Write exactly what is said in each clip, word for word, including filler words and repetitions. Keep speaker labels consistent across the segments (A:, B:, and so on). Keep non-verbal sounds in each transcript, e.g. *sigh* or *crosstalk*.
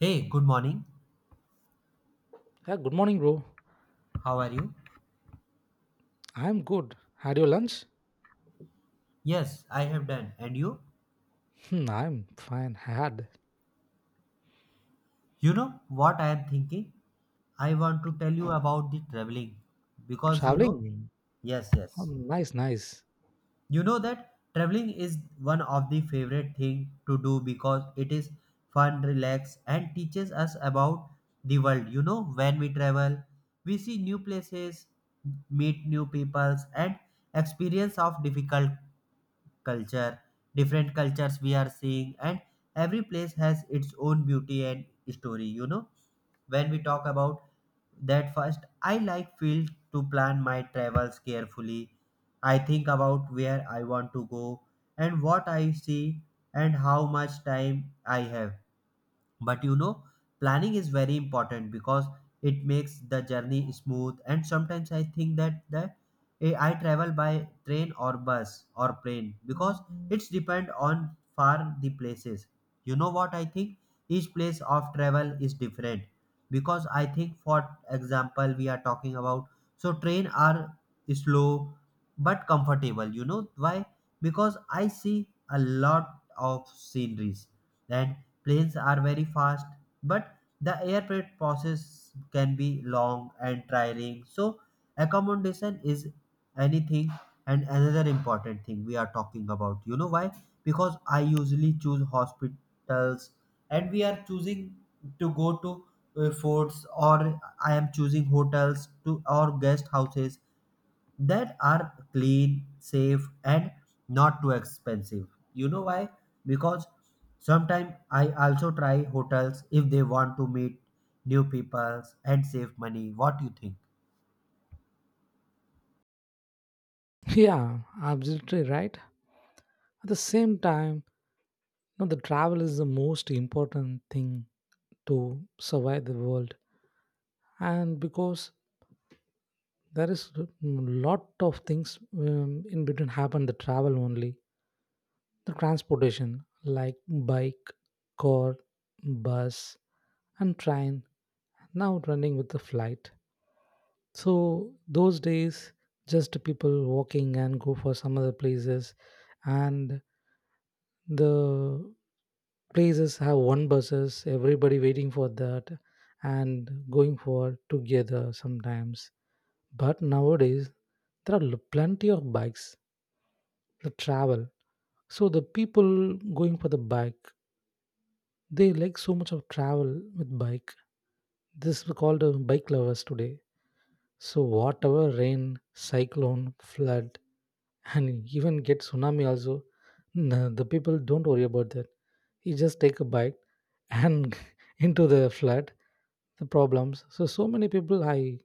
A: Hey, good morning.
B: Yeah, good morning, bro.
A: How are you?
B: I'm good. Had your lunch?
A: Yes, I have done. And you?
B: Hmm, I'm fine. Had
A: You know what I am thinking? I want to tell you about the traveling because you know,
B: traveling?
A: yes,
B: Oh,
A: yes.
B: nice, nice.
A: You know that traveling is one of the favorite thing to do because it is fun, relax and teaches us about the world. You know, when we travel, we see new places, meet new peoples and experience of difficult culture different cultures we are seeing, and every place has its own beauty and story. You know, when we talk about that, first I like feel to plan my travels carefully. I think about where I want to go and what I see and how much time I have. But you know, planning is very important because it makes the journey smooth. And sometimes I think that that eh, I travel by train or bus or plane because it's depend on far the places. You know what I think? Each place of travel is different because I think, for example, we are talking about so train are slow but comfortable. You know why? Because I see a lot of sceneries. And planes are very fast, but the airplane process can be long and tiring. So, accommodation is anything and another important thing we are talking about. You know why? Because I usually choose hospitals and we are choosing to go to uh, forts, or I am choosing hotels to or guest houses that are clean, safe, and not too expensive. You know why? Because sometimes I also try hotels if they want to meet new peoples and save money. What do you think?
B: *laughs* Yeah, absolutely right. At the same time, you know, the travel is the most important thing to survive the world, and because there is a lot of things um, in between happen the travel only. The transportation like bike, car, bus, and train now running with the flight. So those days, just people walking and go for some other places, and the places have one buses. Everybody waiting for that and going for together sometimes. But nowadays, there are l- plenty of bikes the travel. So the people going for the bike, they like so much of travel with bike. This we called uh, bike lovers today. So whatever rain, cyclone, flood, and even get tsunami also, n- the people don't worry about that. You just take a bike and *laughs* into the flood, the problems. So so many people I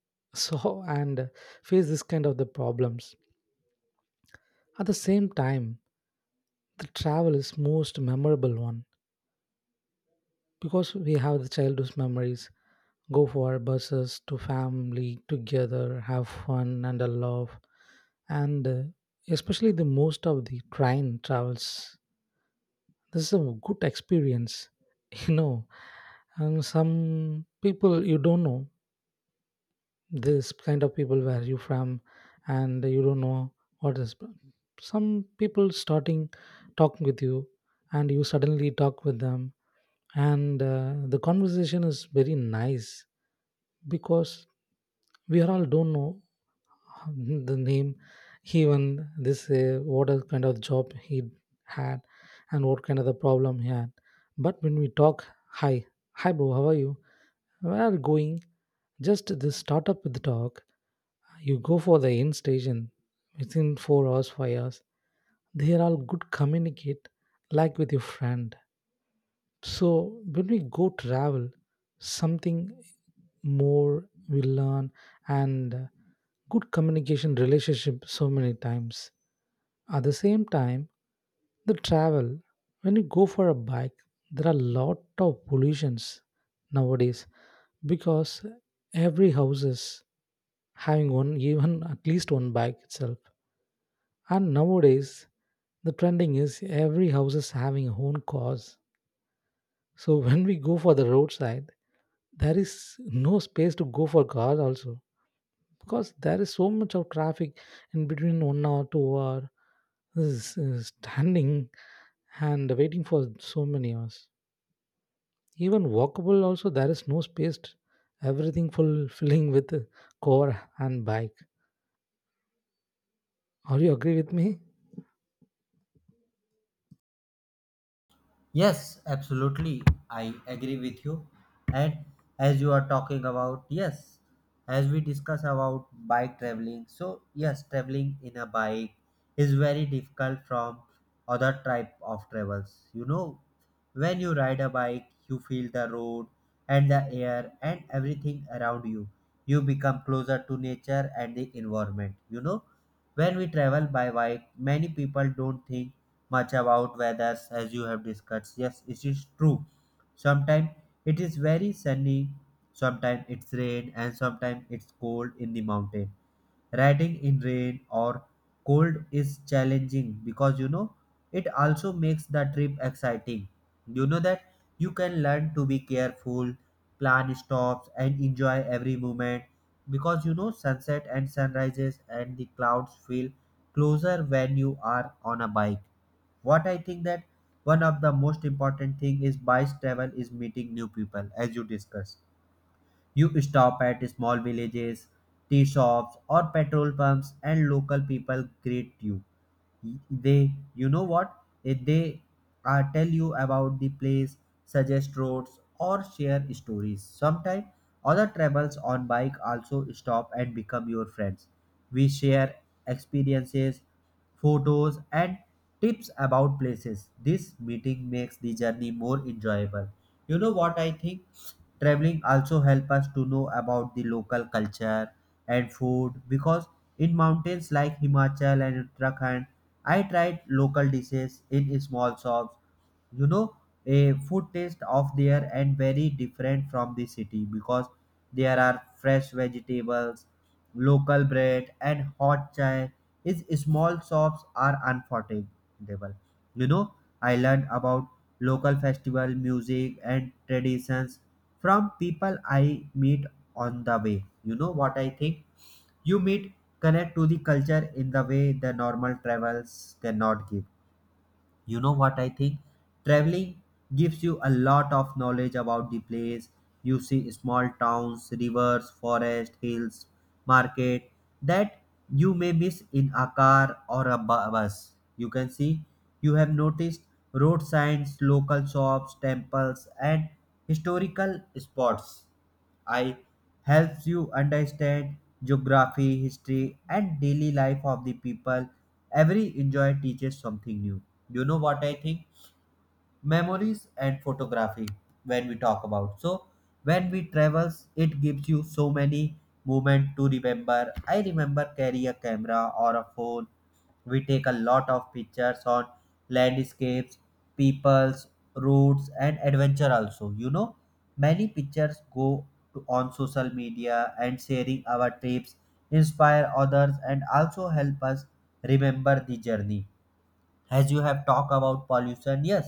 B: *laughs* saw and face this kind of the problems. At the same time, the travel is most memorable one because we have the childhood memories go for our buses to family together have fun and a love and uh, especially the most of the train travels this is a good experience *laughs* you know and some people you don't know this kind of people where you from, and you don't know what is some people starting talking with you, and you suddenly talk with them, and uh, the conversation is very nice because we are all don't know *laughs* the name, even this uh, what is kind of job he had and what kind of the problem he had. But when we talk, hi, hi bro, how are you, where are you going, just this start up with the talk. You go for the end station within four hours, five hours, they are all good communicate like with your friend. So when we go travel, something more we learn and uh, good communication relationship so many times. At the same time, the travel when you go for a bike, there are lot of pollutions nowadays because every houses having one, even at least one bike itself. And nowadays the trending is every house is having own cars, so *laughs* when we go for the roadside, there is no space to go for cars also because there is so much of traffic in between one hour, two hour, this is standing and waiting for so many hours. Even walkable also there is no space. Everything full filling *laughs* with car and bike. Are you agree with me?
A: Yes, absolutely. I agree with you. And as you are talking about, yes, as we discuss about bike traveling, so yes, traveling in a bike is very difficult from other type of travels. You know, when you ride a bike, you feel the road and the air and everything around you. You become closer to nature and the environment. You know, when we travel by bike, many people don't think much about weather as you have discussed. Yes, it is true. Sometimes it is very sunny, sometimes it's rain, and sometimes it's cold in the mountain. Riding in rain or cold is challenging because you know it also makes the trip exciting. You know that you can learn to be careful, plan stops, and enjoy every moment because you know sunset and sunrises and the clouds feel closer when you are on a bike. What I think that one of the most important thing is bike travel is meeting new people, as you discussed. You stop at small villages, tea shops or petrol pumps, and local people greet you. They, you know what Eh, they uh, tell you about the place, suggest roads or share stories. Sometimes other travels on bike also stop and become your friends. We share experiences, photos and tips about places. This meeting makes the journey more enjoyable. You know what I think? Traveling also help us to know about the local culture and food because in mountains like Himachal and Uttarakhand, I tried local dishes in small shops. You know, a food taste of there and very different from the city because there are fresh vegetables, local bread, and hot chai. Is small shops are unforgettable. You know, I learned about local festival music and traditions from people I meet on the way. You know what I think? You meet, connect to the culture in the way the normal travels cannot give. You know what I think? Traveling gives you a lot of knowledge about the place. You see small towns, rivers, forest, hills, market that you may miss in a car or a bu- bus. You can see, you have noticed road signs, local shops, temples, and historical spots. I helps you understand geography, history, and daily life of the people. Every enjoy teaches something new. You know what I think? Memories and photography, when we talk about, so when we travels, it gives you so many moment to remember. I remember carry a camera or a phone. We take a lot of pictures on landscapes, peoples, routes and adventure also. You know, many pictures go to, on social media, and sharing our trips inspire others and also help us remember the journey. As you have talked about pollution, yes,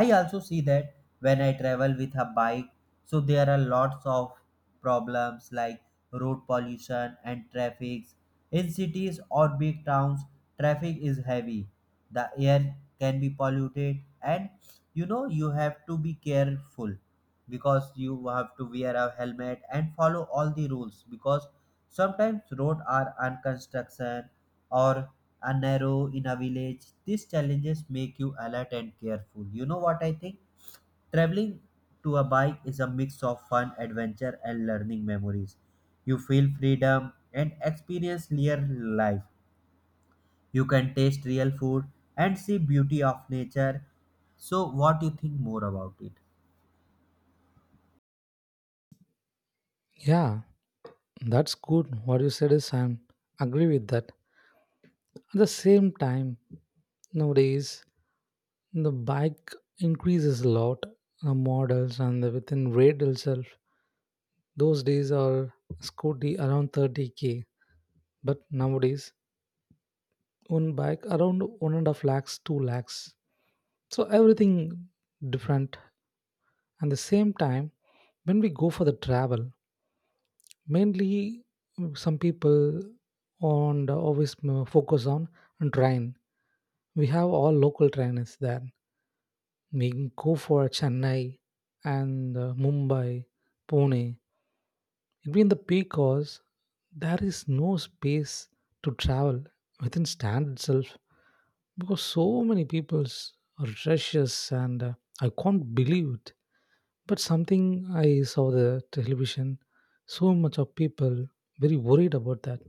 A: I also see that when I travel with a bike, so there are lots of problems like road pollution and traffic in cities or big towns. Traffic is heavy, the air can be polluted, and you know you have to be careful because you have to wear a helmet and follow all the rules because sometimes roads are unconstruction or a narrow in a village. These challenges make you alert and careful. You know what I think? Traveling to a bike is a mix of fun, adventure, and learning memories. You feel freedom and experience real life. You can taste real food and see beauty of nature. So, what do you think more about it?
B: Yeah, that's good. What you said is I am agree with that. At the same time, nowadays the bike increases a lot, uh, models, and the within rate itself. Those days are scooty around thirty k, but nowadays one bike around one and a half lakhs, two lakhs. So everything different. And the same time, when we go for the travel, mainly mm, some people on the always mm, focus on train. We have all local trainers there. We can go for Chennai and uh, Mumbai, Pune. It'll be in the peak hours. There is no space to travel within stand itself because so many people's are rushes, and uh, I can't believe it. But something I saw the television, so much of people very worried about that.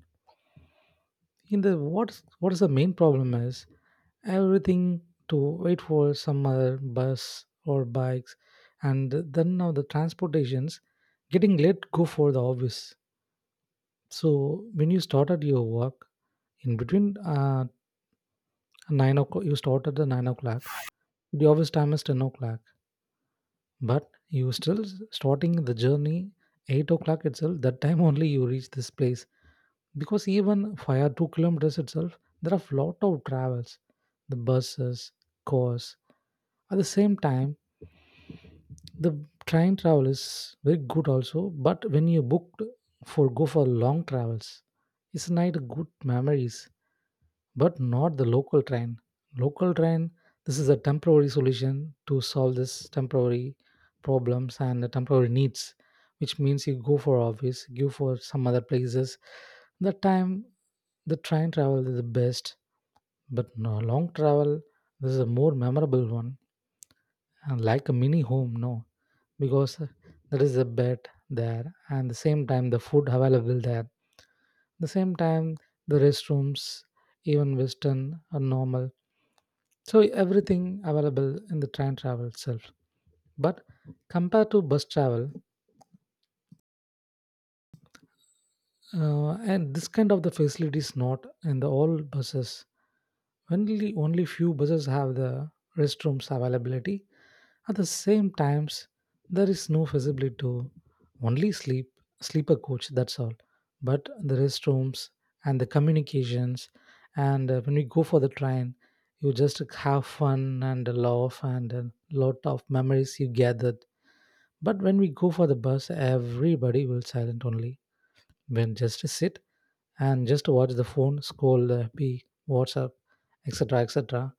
B: In the what's what is the main problem is everything to wait for some other bus or bikes, and then now the transportations getting late go for the office. So when you started your work in between uh, nine o'clock, you start at the nine o'clock, the office time is ten o'clock, but you still s- starting the journey eight o'clock itself, that time *laughs* only you reach this place because even five or two kilometers itself there are lot of travels, the buses, cars. At the same time, the train travel is very good also, but when you booked for go for long travels, it's not good memories, but not the local train. Local train, this is a temporary solution to solve this temporary problems and the temporary needs, which means you go for office, go for some other places. That time, the train travel is the best, but no long travel. This is a more memorable one and like a mini home, no, because there is a bed there, and the same time the food available there. The same time the restrooms, even Western or normal. So everything available in the train travel itself. But compared to bus travel, Uh, and this kind of the facility is not in the all buses. Only only few buses have the restrooms availability. At the same times, there is no facility to only sleep, sleeper coach. That's all. But the restrooms and the communications, and uh, when we go for the train, you just have fun and laugh and a lot of memories you gathered. But when we go for the bus, everybody will silent only. When just sit and just watch the phone, scroll the F B, WhatsApp, et cetera, et cetera.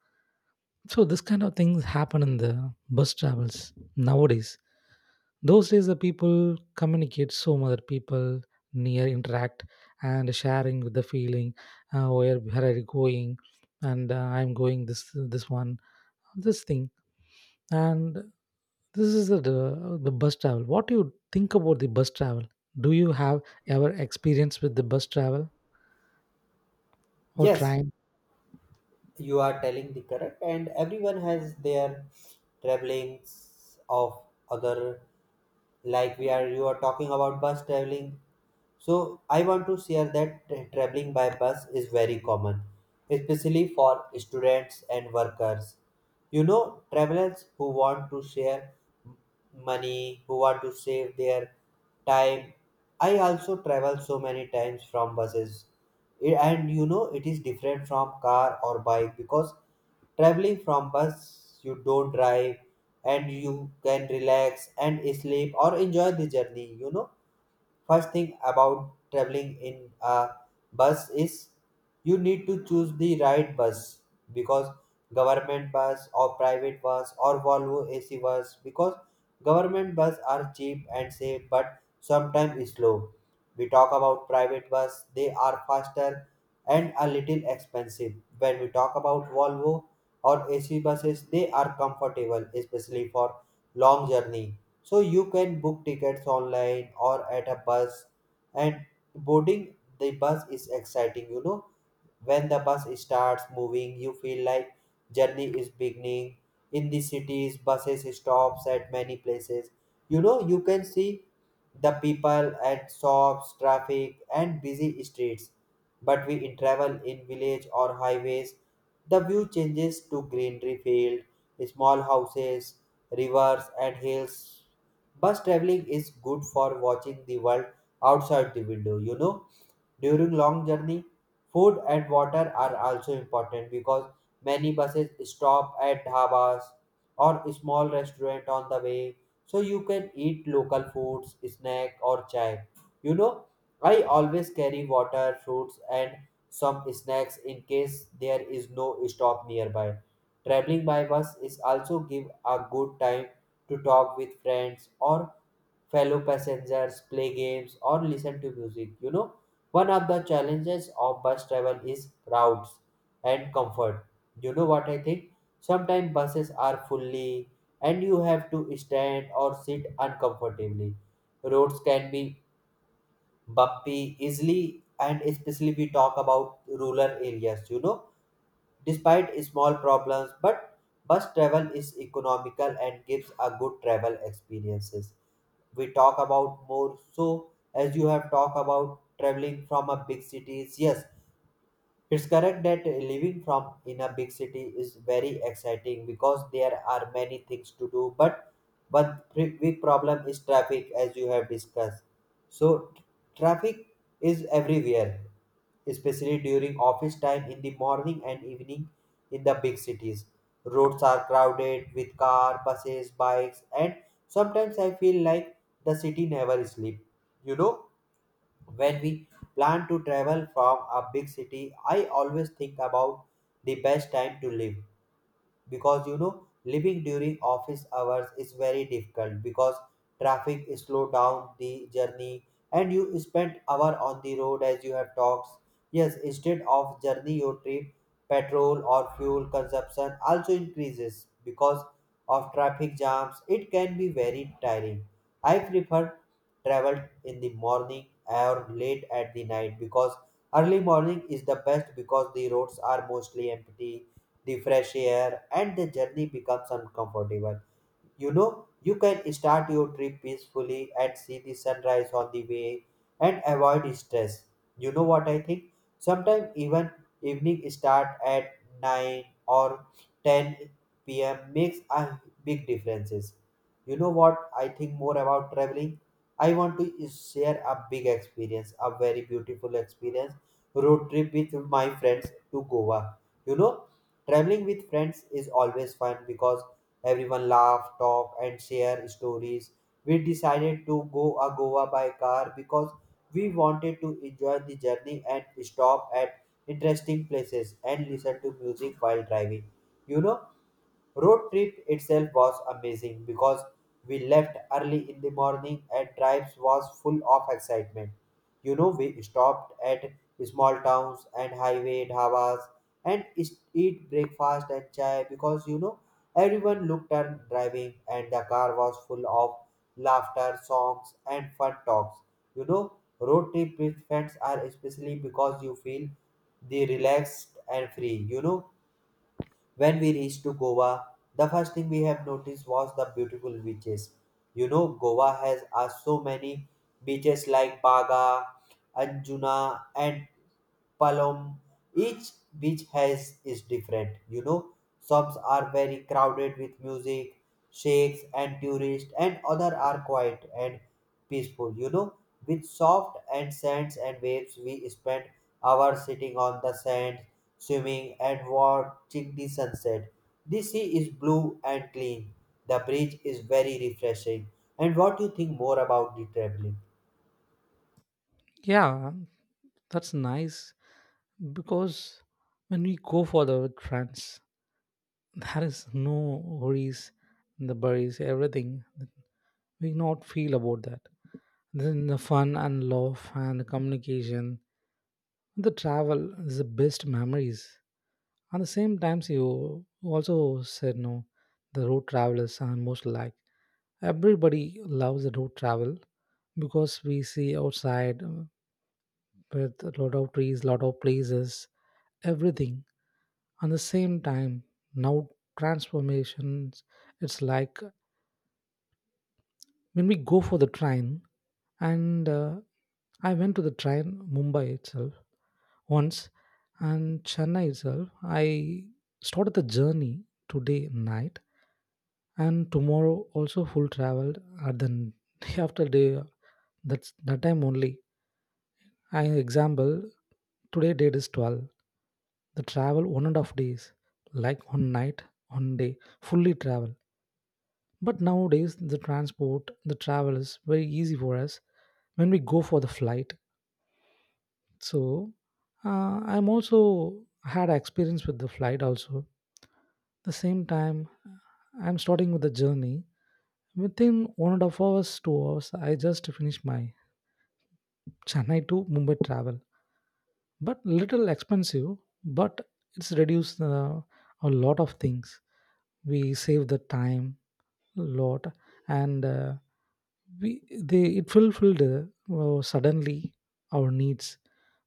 B: So this kind of things happen in the bus travels nowadays. Those days, the people communicate so much that people near interact and sharing with the feeling, uh, where where are you going, and uh, I'm going this this one, this thing, and this is the, the the bus travel. What do you think about the bus travel? Do you have ever experience with the bus travel or
A: Yes,
B: train?
A: you are telling the correct, and everyone has their travelings of other. Like we are you are talking about bus traveling, so I want to share that tra- traveling by bus is very common, especially for students and workers. You know, travelers who want to share m- money, who want to save their time. I also travel so many times from buses it, and you know it is different from car or bike because traveling from bus you don't drive and you can relax and sleep or enjoy the journey. You know, first thing about traveling in a bus is you need to choose the right bus because government bus or private bus or Volvo A C bus. Because government bus are cheap and safe but sometimes slow. We talk about private bus, they are faster and a little expensive. When we talk about Volvo or A C buses, they are comfortable, especially for long journey. So you can book tickets online or at a bus, and boarding the bus is exciting, you know. When the bus starts moving, you feel like journey is beginning. In the cities, buses stops at many places. You know, you can see the people at shops, traffic and busy streets. But we in travel in village or highways, the view changes to greenery field, small houses, rivers and hills. Bus traveling is good for watching the world outside the window. You know, during long journey, food and water are also important because many buses stop at dhabas or small restaurant on the way, so you can eat local foods, snack or chai. You know, I always carry water, fruits and some snacks in case there is no stop nearby. Traveling by bus is also give a good time to talk with friends or fellow passengers, play games, or listen to music. You know, one of the challenges of bus travel is crowds and comfort. You know what I think? Sometimes buses are fully and you have to stand or sit uncomfortably. Roads can be bumpy easily, and especially we talk about rural areas, you know. Despite small problems, but bus travel is economical and gives a good travel experiences. We talk about more. So as you have talked about traveling from a big cities, yes, it's correct that living from in a big city is very exciting because there are many things to do. But but pre- big problem is traffic, as you have discussed. So t- Traffic is everywhere, especially during office time in the morning and evening in the big cities. Roads are crowded with car, buses, bikes, and sometimes I feel like the city never sleeps. You know, when we plan to travel from a big city, I always think about the best time to live because you know living during office hours is very difficult because traffic slow down the journey and you spend hour on the road, as you have talks. Yes, instead of journey your trip, petrol or fuel consumption also increases because of traffic jams. It can be very tiring. I prefer travel in the morning or late at the night because early morning is the best because the roads are mostly empty, the fresh air, and the journey becomes uncomfortable. You know, you can start your trip peacefully and see the sunrise on the way and avoid stress. You know what I think? Sometimes even evening start at nine or ten p m makes a big differences. You know what I think more about traveling? I want to share a big experience, a very beautiful experience, road trip with my friends to Goa. You know, traveling with friends is always fun because everyone laughed, talked, and shared stories. We decided to go a Goa by car because we wanted to enjoy the journey and stop at interesting places and listen to music while driving. You know, road trip itself was amazing because we left early in the morning and drives was full of excitement. You know, we stopped at small towns and highway dhabas and is- eat breakfast and chai, because you know everyone looked at driving and the car was full of laughter, songs and fun talks. You know, road trip with friends are especially because you feel the relaxed and free. You know, when we reached to Goa, the first thing we have noticed was the beautiful beaches. You know, Goa has uh, so many beaches like Baga, Anjuna, and Palom. Each beach has is different, you know. Some are very crowded with music, shakes and tourists, and other are quiet and peaceful, you know. With soft and sands and waves, we spend hours sitting on the sand, swimming and watching the sunset. The sea is blue and clean. The bridge is very refreshing. And what do you think more about the traveling?
B: Yeah, that's nice because when we go for the trance, there is no worries, the worries, everything. We not feel about that. Then the fun and love and the communication, the travel is the best memories. At the same times, you also said no, the road travelers are most like everybody loves the road travel because we see outside uh, with a lot of trees, lot of places, everything. At the same time now transformations it's like when we go for the train, and uh, i went to the train, Mumbai itself once, and Chennai itself I started the journey today night, and tomorrow also full traveled at the n- *laughs* day after day, that's that time only. An example, today date is twelve. The travel one and a half days, like one night, one day, fully travel. But nowadays, the transport, the travel is very easy for us when we go for the flight. So, uh, I'm also had experience with the flight also. The same time, I'm starting with the journey. Within one and a half hours, two hours, I just finished my Chennai to Mumbai travel. But little expensive, but it's reduced uh, a lot of things, we save the time a lot, and uh, we they it fulfilled uh, suddenly our needs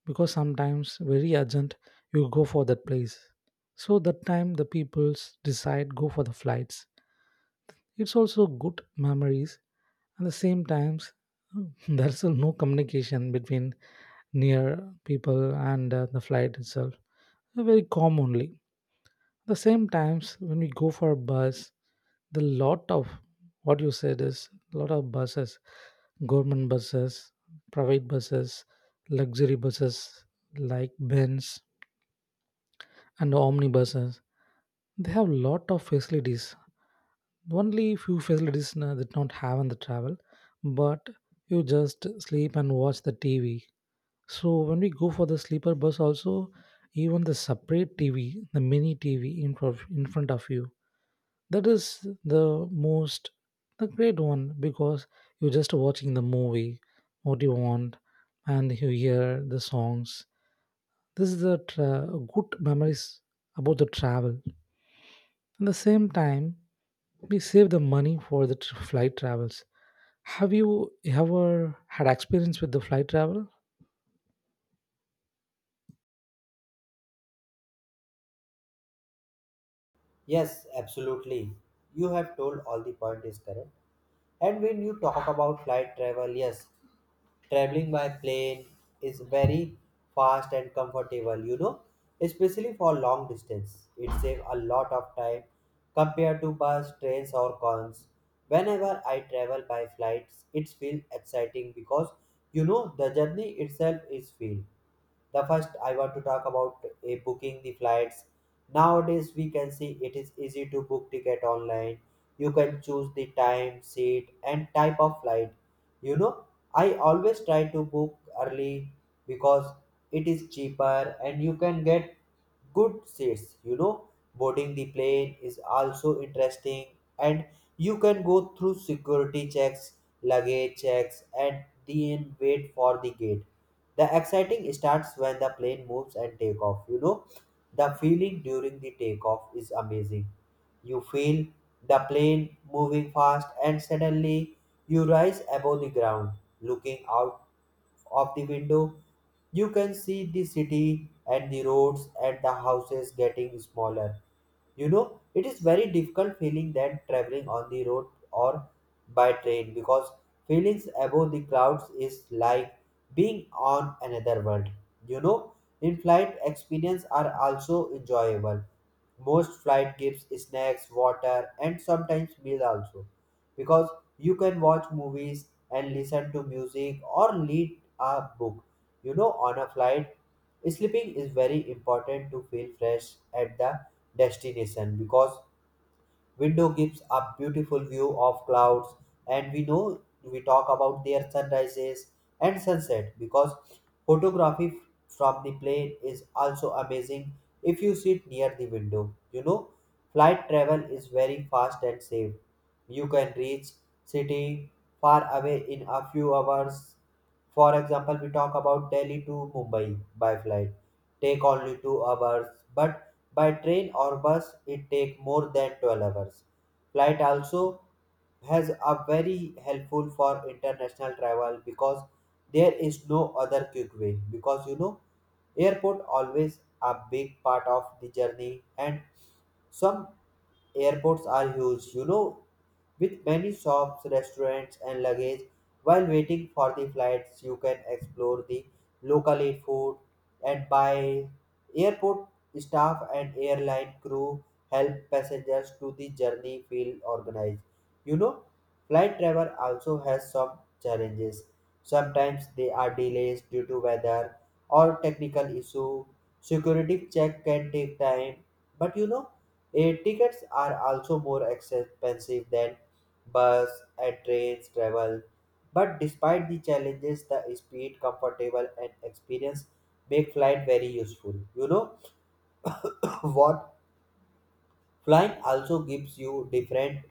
B: because sometimes very urgent you go for that place. So that time the peoples decide go for the flights, it's also good memories. At the same times, *laughs* there's still no communication between near people and uh, the flight itself. Very commonly. At the same times, when we go for a bus, the lot of what you said is a lot of buses, government buses, private buses, luxury buses like Benz and omnibuses. They have lot of facilities. Only few facilities na- that not have in the travel, but you just sleep and watch the T V. So when we go for the sleeper bus, also even the separate T V, the mini T V in front in front of you, that is the most the great one because you're just watching the movie, what you want, and you hear the songs. This is a tra- good memories about the travel. At the same time, we save the money for the tr- flight travels. Have you ever had experience with the flight travel?
A: Yes, absolutely. You have told all the point is correct. And when you talk about flight travel, yes, traveling by plane is very fast and comfortable, you know, especially for long distance. It saves a lot of time compared to bus, trains, or cons. Whenever I travel by flights, it feels exciting because you know the journey itself is filled. The first I want to talk about uh, booking the flights. Nowadays we can see it is easy to book ticket online. You can choose the time, seat and type of flight, you know, I always try to book early because it is cheaper and you can get good seats. You know, boarding the plane is also interesting, and you can go through security checks, luggage checks, and then wait for the gate. The exciting starts when the plane moves and take off. You know, the feeling during the takeoff is amazing. You feel the plane moving fast, and suddenly you rise above the ground, looking out of the window, you can see the city and the roads and the houses getting smaller. You know, it is very difficult feeling than traveling on the road or by train, because feelings above the clouds is like being on another world, you know. In flight experience are also enjoyable, most flight gives snacks, water and sometimes meal also, because you can watch movies and listen to music or read a book. You know, on a flight, sleeping is very important to feel fresh at the destination, because window gives a beautiful view of clouds, and we know we talk about their sunrises and sunset, because photography from the plane is also amazing if you sit near the window. You know, flight travel is very fast and safe. You can reach city far away in a few hours. For example, we talk about Delhi to Mumbai by flight. Take only two hours, but by train or bus, it take more than twelve hours. Flight also has a very helpful for international travel because there is no other quick way. Because you know, airport always a big part of the journey, and some airports are huge, you know, with many shops, restaurants, and luggage. While waiting for the flights, you can explore the local, eat food and buy. Airport staff and airline crew help passengers to the journey feel organized. You know, flight travel also has some challenges. Sometimes there are delays due to weather or technical issue. Security check can take time, but you know, air tickets are also more expensive than bus and trains travel. But despite the challenges, the speed, comfortable, and experience make flight very useful. You know *laughs* what, flying also gives you different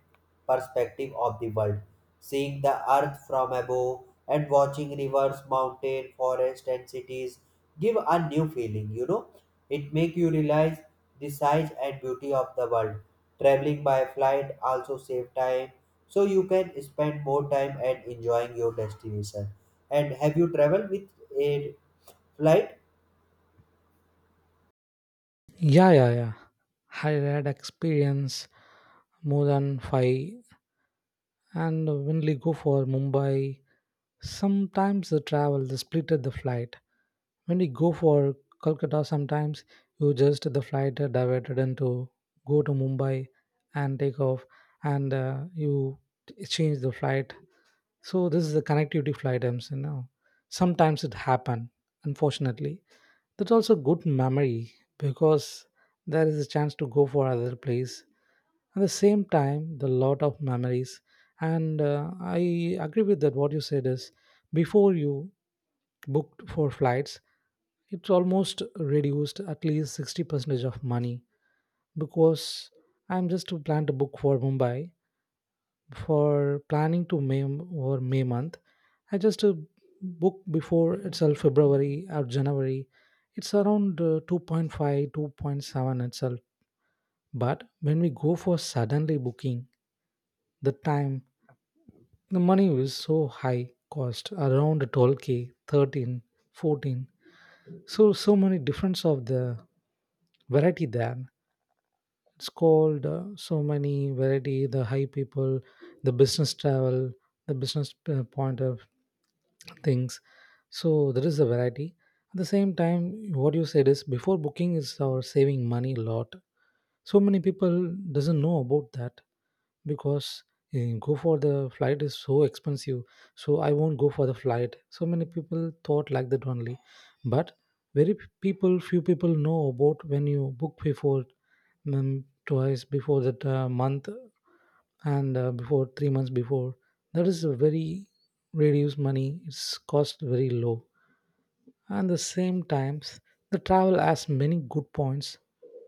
A: perspective of the world, seeing the earth from above and watching rivers, mountain, forest and cities give a new feeling, you know. It make you realize the size and beauty of the world. Traveling by flight also save time, so you can spend more time and enjoying your destination. And have you traveled with a flight?
B: Yeah, yeah, yeah. I had experience more than five, and when we go for Mumbai, sometimes the travel, the split at the flight. When we go for Kolkata, sometimes you just the flight are diverted into go to Mumbai and take off, and uh, you t- change the flight. So this is the connectivity flight. I'm saying now. Sometimes it happen. Unfortunately, that's also good memory because there is a chance to go for other place. At the same time, the lot of memories, and uh, I agree with that. What you said is, before you booked for flights, it's almost reduced at least sixty percentage of money because I'm just to plan to book for Mumbai for planning to May or May month. I just uh, book before itself February or January. It's around uh, two point five, itself. But when we go for suddenly booking, the time, the money is so high cost around twelve k, thirteen, fourteen. So so many difference of the variety there. It's called uh, so many variety. The high people, the business travel, the business uh, point of things. So there is a variety. At the same time, what you said is before booking is our saving money a lot, so many people doesn't know about that because eh, go for the flight is so expensive, so I won't go for the flight, so many people thought like that only. But very p- people few people know about when you book before, mm, twice before that uh, month, and uh, before three months before, that is a very reduced money, it's cost very low. At the same times, the travel has many good points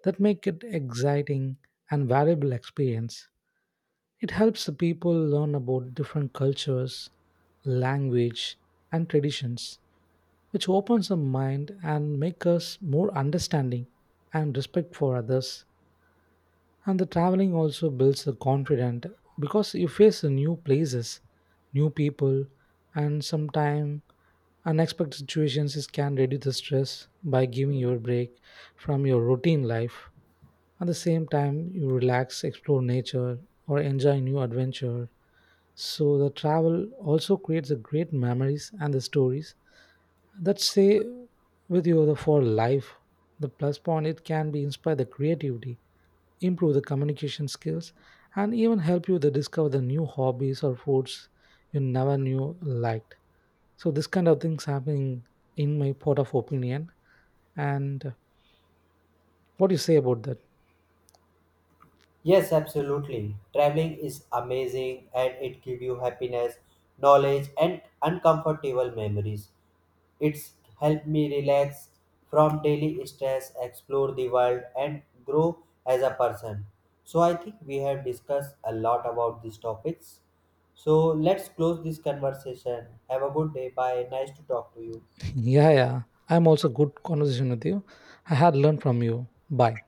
B: that make it exciting and valuable experience. It helps the people learn about different cultures, language, and traditions, which opens the mind and makes us more understanding and respect for others. And the traveling also builds the confidence because you face the new places, new people, and sometimes unexpected situations is- can reduce the stress by giving you a break from your routine life. At the same time, you relax, explore nature, or enjoy new adventure. So the travel also creates the great memories and the stories that stay with you the for life. The plus point it can be inspire the creativity, improve the communication skills, and even help you to discover the new hobbies or foods you never knew liked. So this kind of things happening in my part of opinion. And what do you say about that?
A: Yes, absolutely. Traveling is amazing and it gives you happiness, knowledge, and uncomfortable memories. It's helped me relax from daily stress, explore the world, and grow as a person. So, I think we have discussed a lot about these topics. So, let's close this conversation. Have a good day. Bye. Nice to talk to you.
B: *laughs* Yeah, yeah. I'm also good conversation with you. I had learned from you. Bye.